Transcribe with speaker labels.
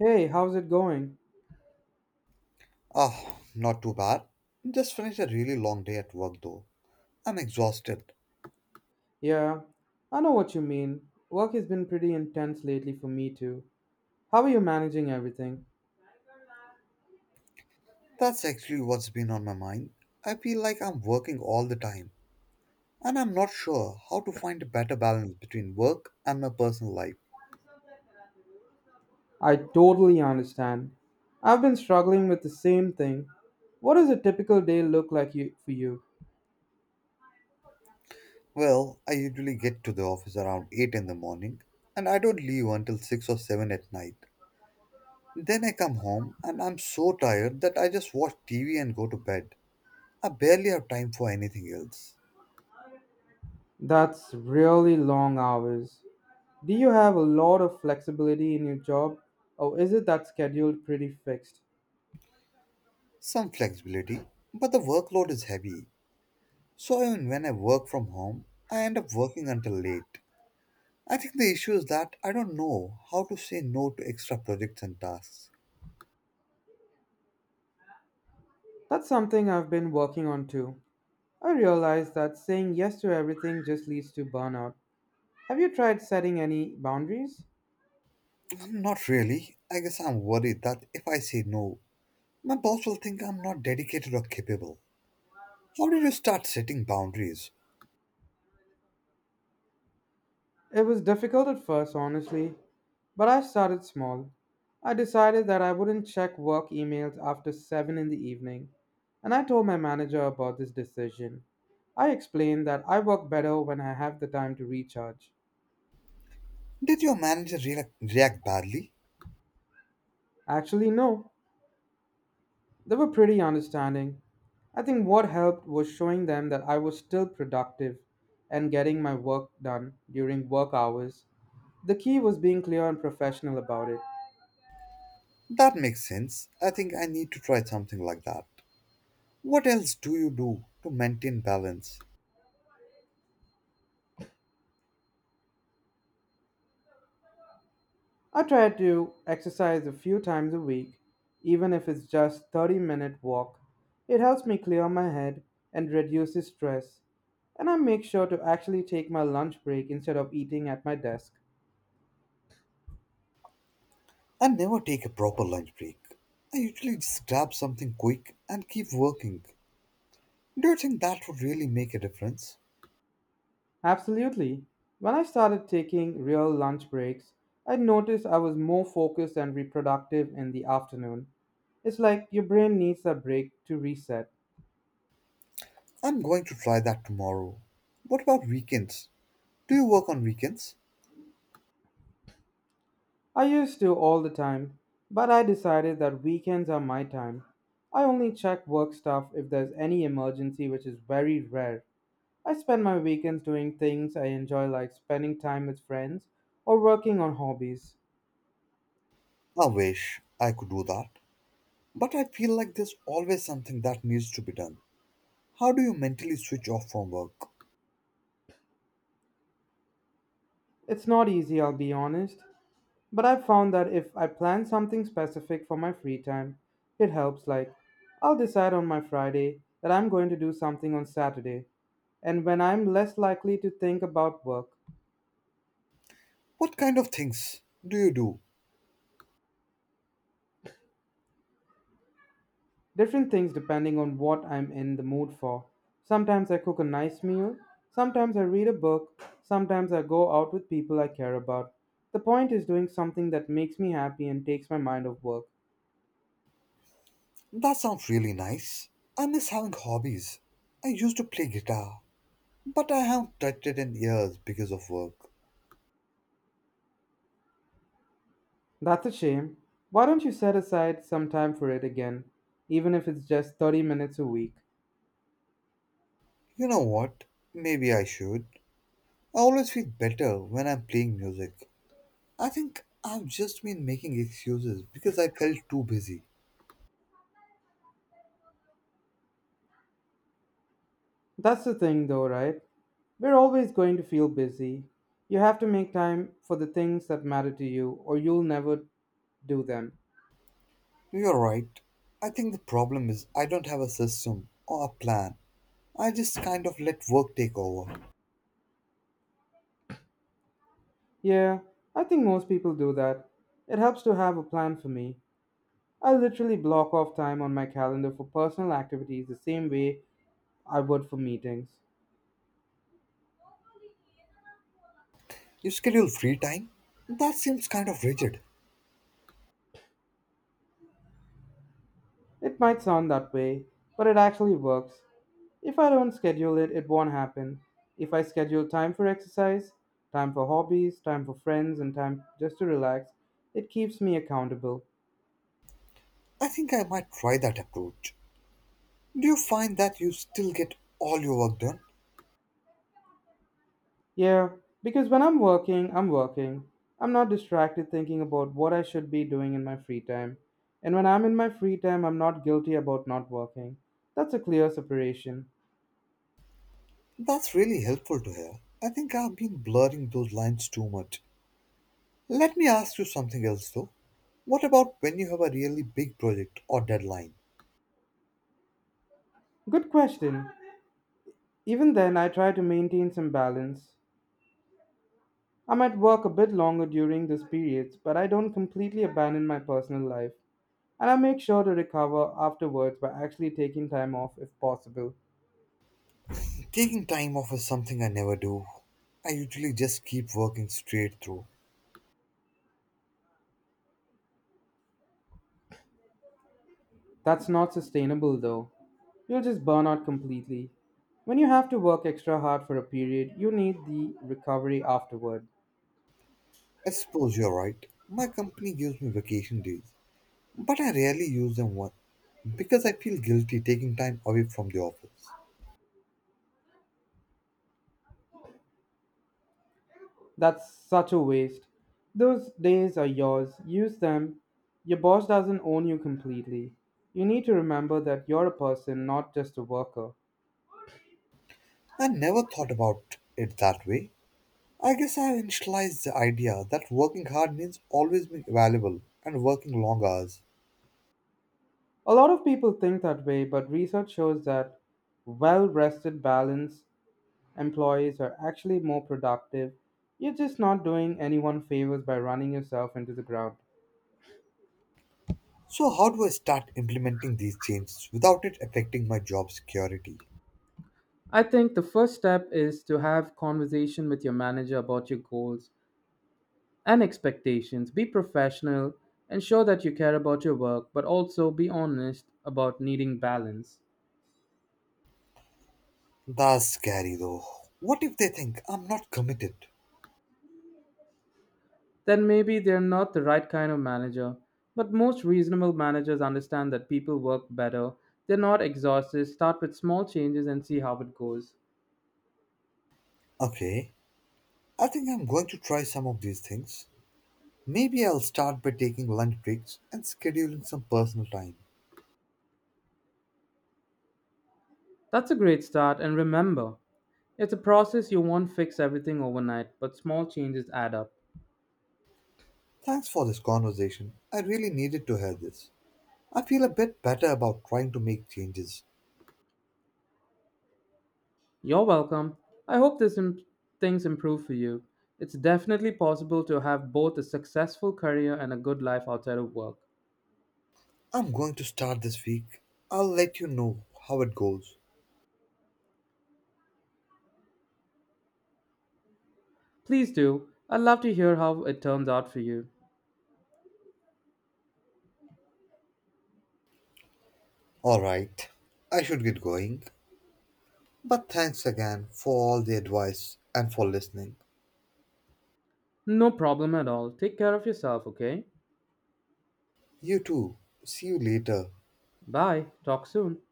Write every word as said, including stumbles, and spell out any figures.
Speaker 1: Hey, how's it going?
Speaker 2: Ah, not too bad. Just finished a really long day at work though. I'm exhausted.
Speaker 1: Yeah, I know what you mean. Work has been pretty intense lately for me too. How are you managing everything?
Speaker 2: That's actually what's been on my mind. I feel like I'm working all the time, and I'm not sure how to find a better balance between work and my personal life.
Speaker 1: I totally understand. I've been struggling with the same thing. What does a typical day look like you, for you?
Speaker 2: Well, I usually get to the office around eight in the morning, and I don't leave until six or seven at night. Then I come home, and I'm so tired that I just watch T V and go to bed. I barely have time for anything else.
Speaker 1: That's really long hours. Do you have a lot of flexibility in your job, or is it that schedule pretty fixed?
Speaker 2: Some flexibility, but the workload is heavy. So even when I work from home, I end up working until late. I think the issue is that I don't know how to say no to extra projects and tasks.
Speaker 1: That's something I've been working on too. I realize that saying yes to everything just leads to burnout. Have you tried setting any boundaries?
Speaker 2: Not really. I guess I'm worried that if I say no, my boss will think I'm not dedicated or capable. How did you start setting boundaries?
Speaker 1: It was difficult at first, honestly, but I started small. I decided that I wouldn't check work emails after seven in the evening, and I told my manager about this decision. I explained that I work better when I have the time to recharge.
Speaker 2: Did your manager react react badly?
Speaker 1: Actually, no, they were pretty understanding. I think what helped was showing them that I was still productive and getting my work done during work hours. The key was being clear and professional about it.
Speaker 2: That makes sense. I think I need to try something like that. What else do you do to maintain balance?
Speaker 1: I try to exercise a few times a week, even if it's just thirty minute walk. It helps me clear my head and reduces stress. And I make sure to actually take my lunch break instead of eating at my desk.
Speaker 2: I never take a proper lunch break. I usually just grab something quick and keep working. Do you think that would really make a difference?
Speaker 1: Absolutely. When I started taking real lunch breaks, I noticed I was more focused and reproductive in the afternoon. It's like your brain needs a break to reset.
Speaker 2: I'm going to try that tomorrow. What about weekends? Do you work on weekends?
Speaker 1: I used to all the time, but I decided that weekends are my time. I only check work stuff if there's any emergency, which is very rare. I spend my weekends doing things I enjoy, like spending time with friends or working on hobbies.
Speaker 2: I wish I could do that. But I feel like there's always something that needs to be done. How do you mentally switch off from work?
Speaker 1: It's not easy, I'll be honest, but I found that if I plan something specific for my free time, it helps. Like, I'll decide on my Friday that I'm going to do something on Saturday, and when I'm less likely to think about work.
Speaker 2: What kind of things do you do?
Speaker 1: Different things depending on what I'm in the mood for. Sometimes I cook a nice meal, sometimes I read a book, sometimes I go out with people I care about. The point is doing something that makes me happy and takes my mind off work.
Speaker 2: That sounds really nice. I miss having hobbies. I used to play guitar, but I haven't touched it in years because of work.
Speaker 1: That's a shame. Why don't you set aside some time for it again, even if it's just thirty minutes a week?
Speaker 2: You know what? Maybe I should. I always feel better when I'm playing music. I think I've just been making excuses because I felt too busy.
Speaker 1: That's the thing, though, right? We're always going to feel busy. You have to make time for the things that matter to you, or you'll never do them.
Speaker 2: You're right. I think the problem is I don't have a system or a plan. I just kind of let work take over.
Speaker 1: Yeah, I think most people do that. It helps to have a plan for me. I literally block off time on my calendar for personal activities the same way I would for meetings.
Speaker 2: You schedule free time? That seems kind of rigid.
Speaker 1: It might sound that way, but it actually works. If I don't schedule it, it won't happen. If I schedule time for exercise, time for hobbies, time for friends, and time just to relax, it keeps me accountable.
Speaker 2: I think I might try that approach. Do you find that you still get all your work done?
Speaker 1: Yeah, because when I'm working, I'm working. I'm not distracted thinking about what I should be doing in my free time. And when I'm in my free time, I'm not guilty about not working. That's a clear separation.
Speaker 2: That's really helpful to hear. I think I've been blurring those lines too much. Let me ask you something else though. What about when you have a really big project or deadline?
Speaker 1: Good question. Even then, I try to maintain some balance. I might work a bit longer during these periods, but I don't completely abandon my personal life. And I make sure to recover afterwards by actually taking time off if possible.
Speaker 2: Taking time off is something I never do. I usually just keep working straight through.
Speaker 1: That's not sustainable though. You'll just burn out completely. When you have to work extra hard for a period, you need the recovery afterward.
Speaker 2: I suppose you're right. My company gives me vacation days, but I rarely use them one because I feel guilty taking time away from the office.
Speaker 1: That's such a waste. Those days are yours. Use them. Your boss doesn't own you completely. You need to remember that you're a person, not just a worker.
Speaker 2: I never thought about it that way. I guess I have initialized the idea that working hard means always being available and working long hours.
Speaker 1: A lot of people think that way, but research shows that well rested balanced. Employees are actually more productive. You're just not doing anyone favors by running yourself into the ground.
Speaker 2: So, how do I start implementing these changes without it affecting my job security?
Speaker 1: I think the first step is to have conversation with your manager about your goals and expectations. Be professional and show that you care about your work, but also be honest about needing balance.
Speaker 2: That's scary though. What if they think I'm not committed?
Speaker 1: Then maybe they're not the right kind of manager, but most reasonable managers understand that people work better. They're not exhausted. Start with small changes and see how it goes.
Speaker 2: Okay, I think I'm going to try some of these things. Maybe I'll start by taking lunch breaks and scheduling some personal time.
Speaker 1: That's a great start, and remember, it's a process you won't fix everything overnight, but small changes add up.
Speaker 2: Thanks for this conversation. I really needed to hear this. I feel a bit better about trying to make changes.
Speaker 1: You're welcome. I hope this Im- things improve for you. It's definitely possible to have both a successful career and a good life outside of work.
Speaker 2: I'm going to start this week. I'll let you know how it goes.
Speaker 1: Please do. I'd love to hear how it turns out for you.
Speaker 2: Alright, I should get going. But thanks again for all the advice and for listening.
Speaker 1: No problem at all. Take care of yourself, okay?
Speaker 2: You too. See you later.
Speaker 1: Bye. Talk soon.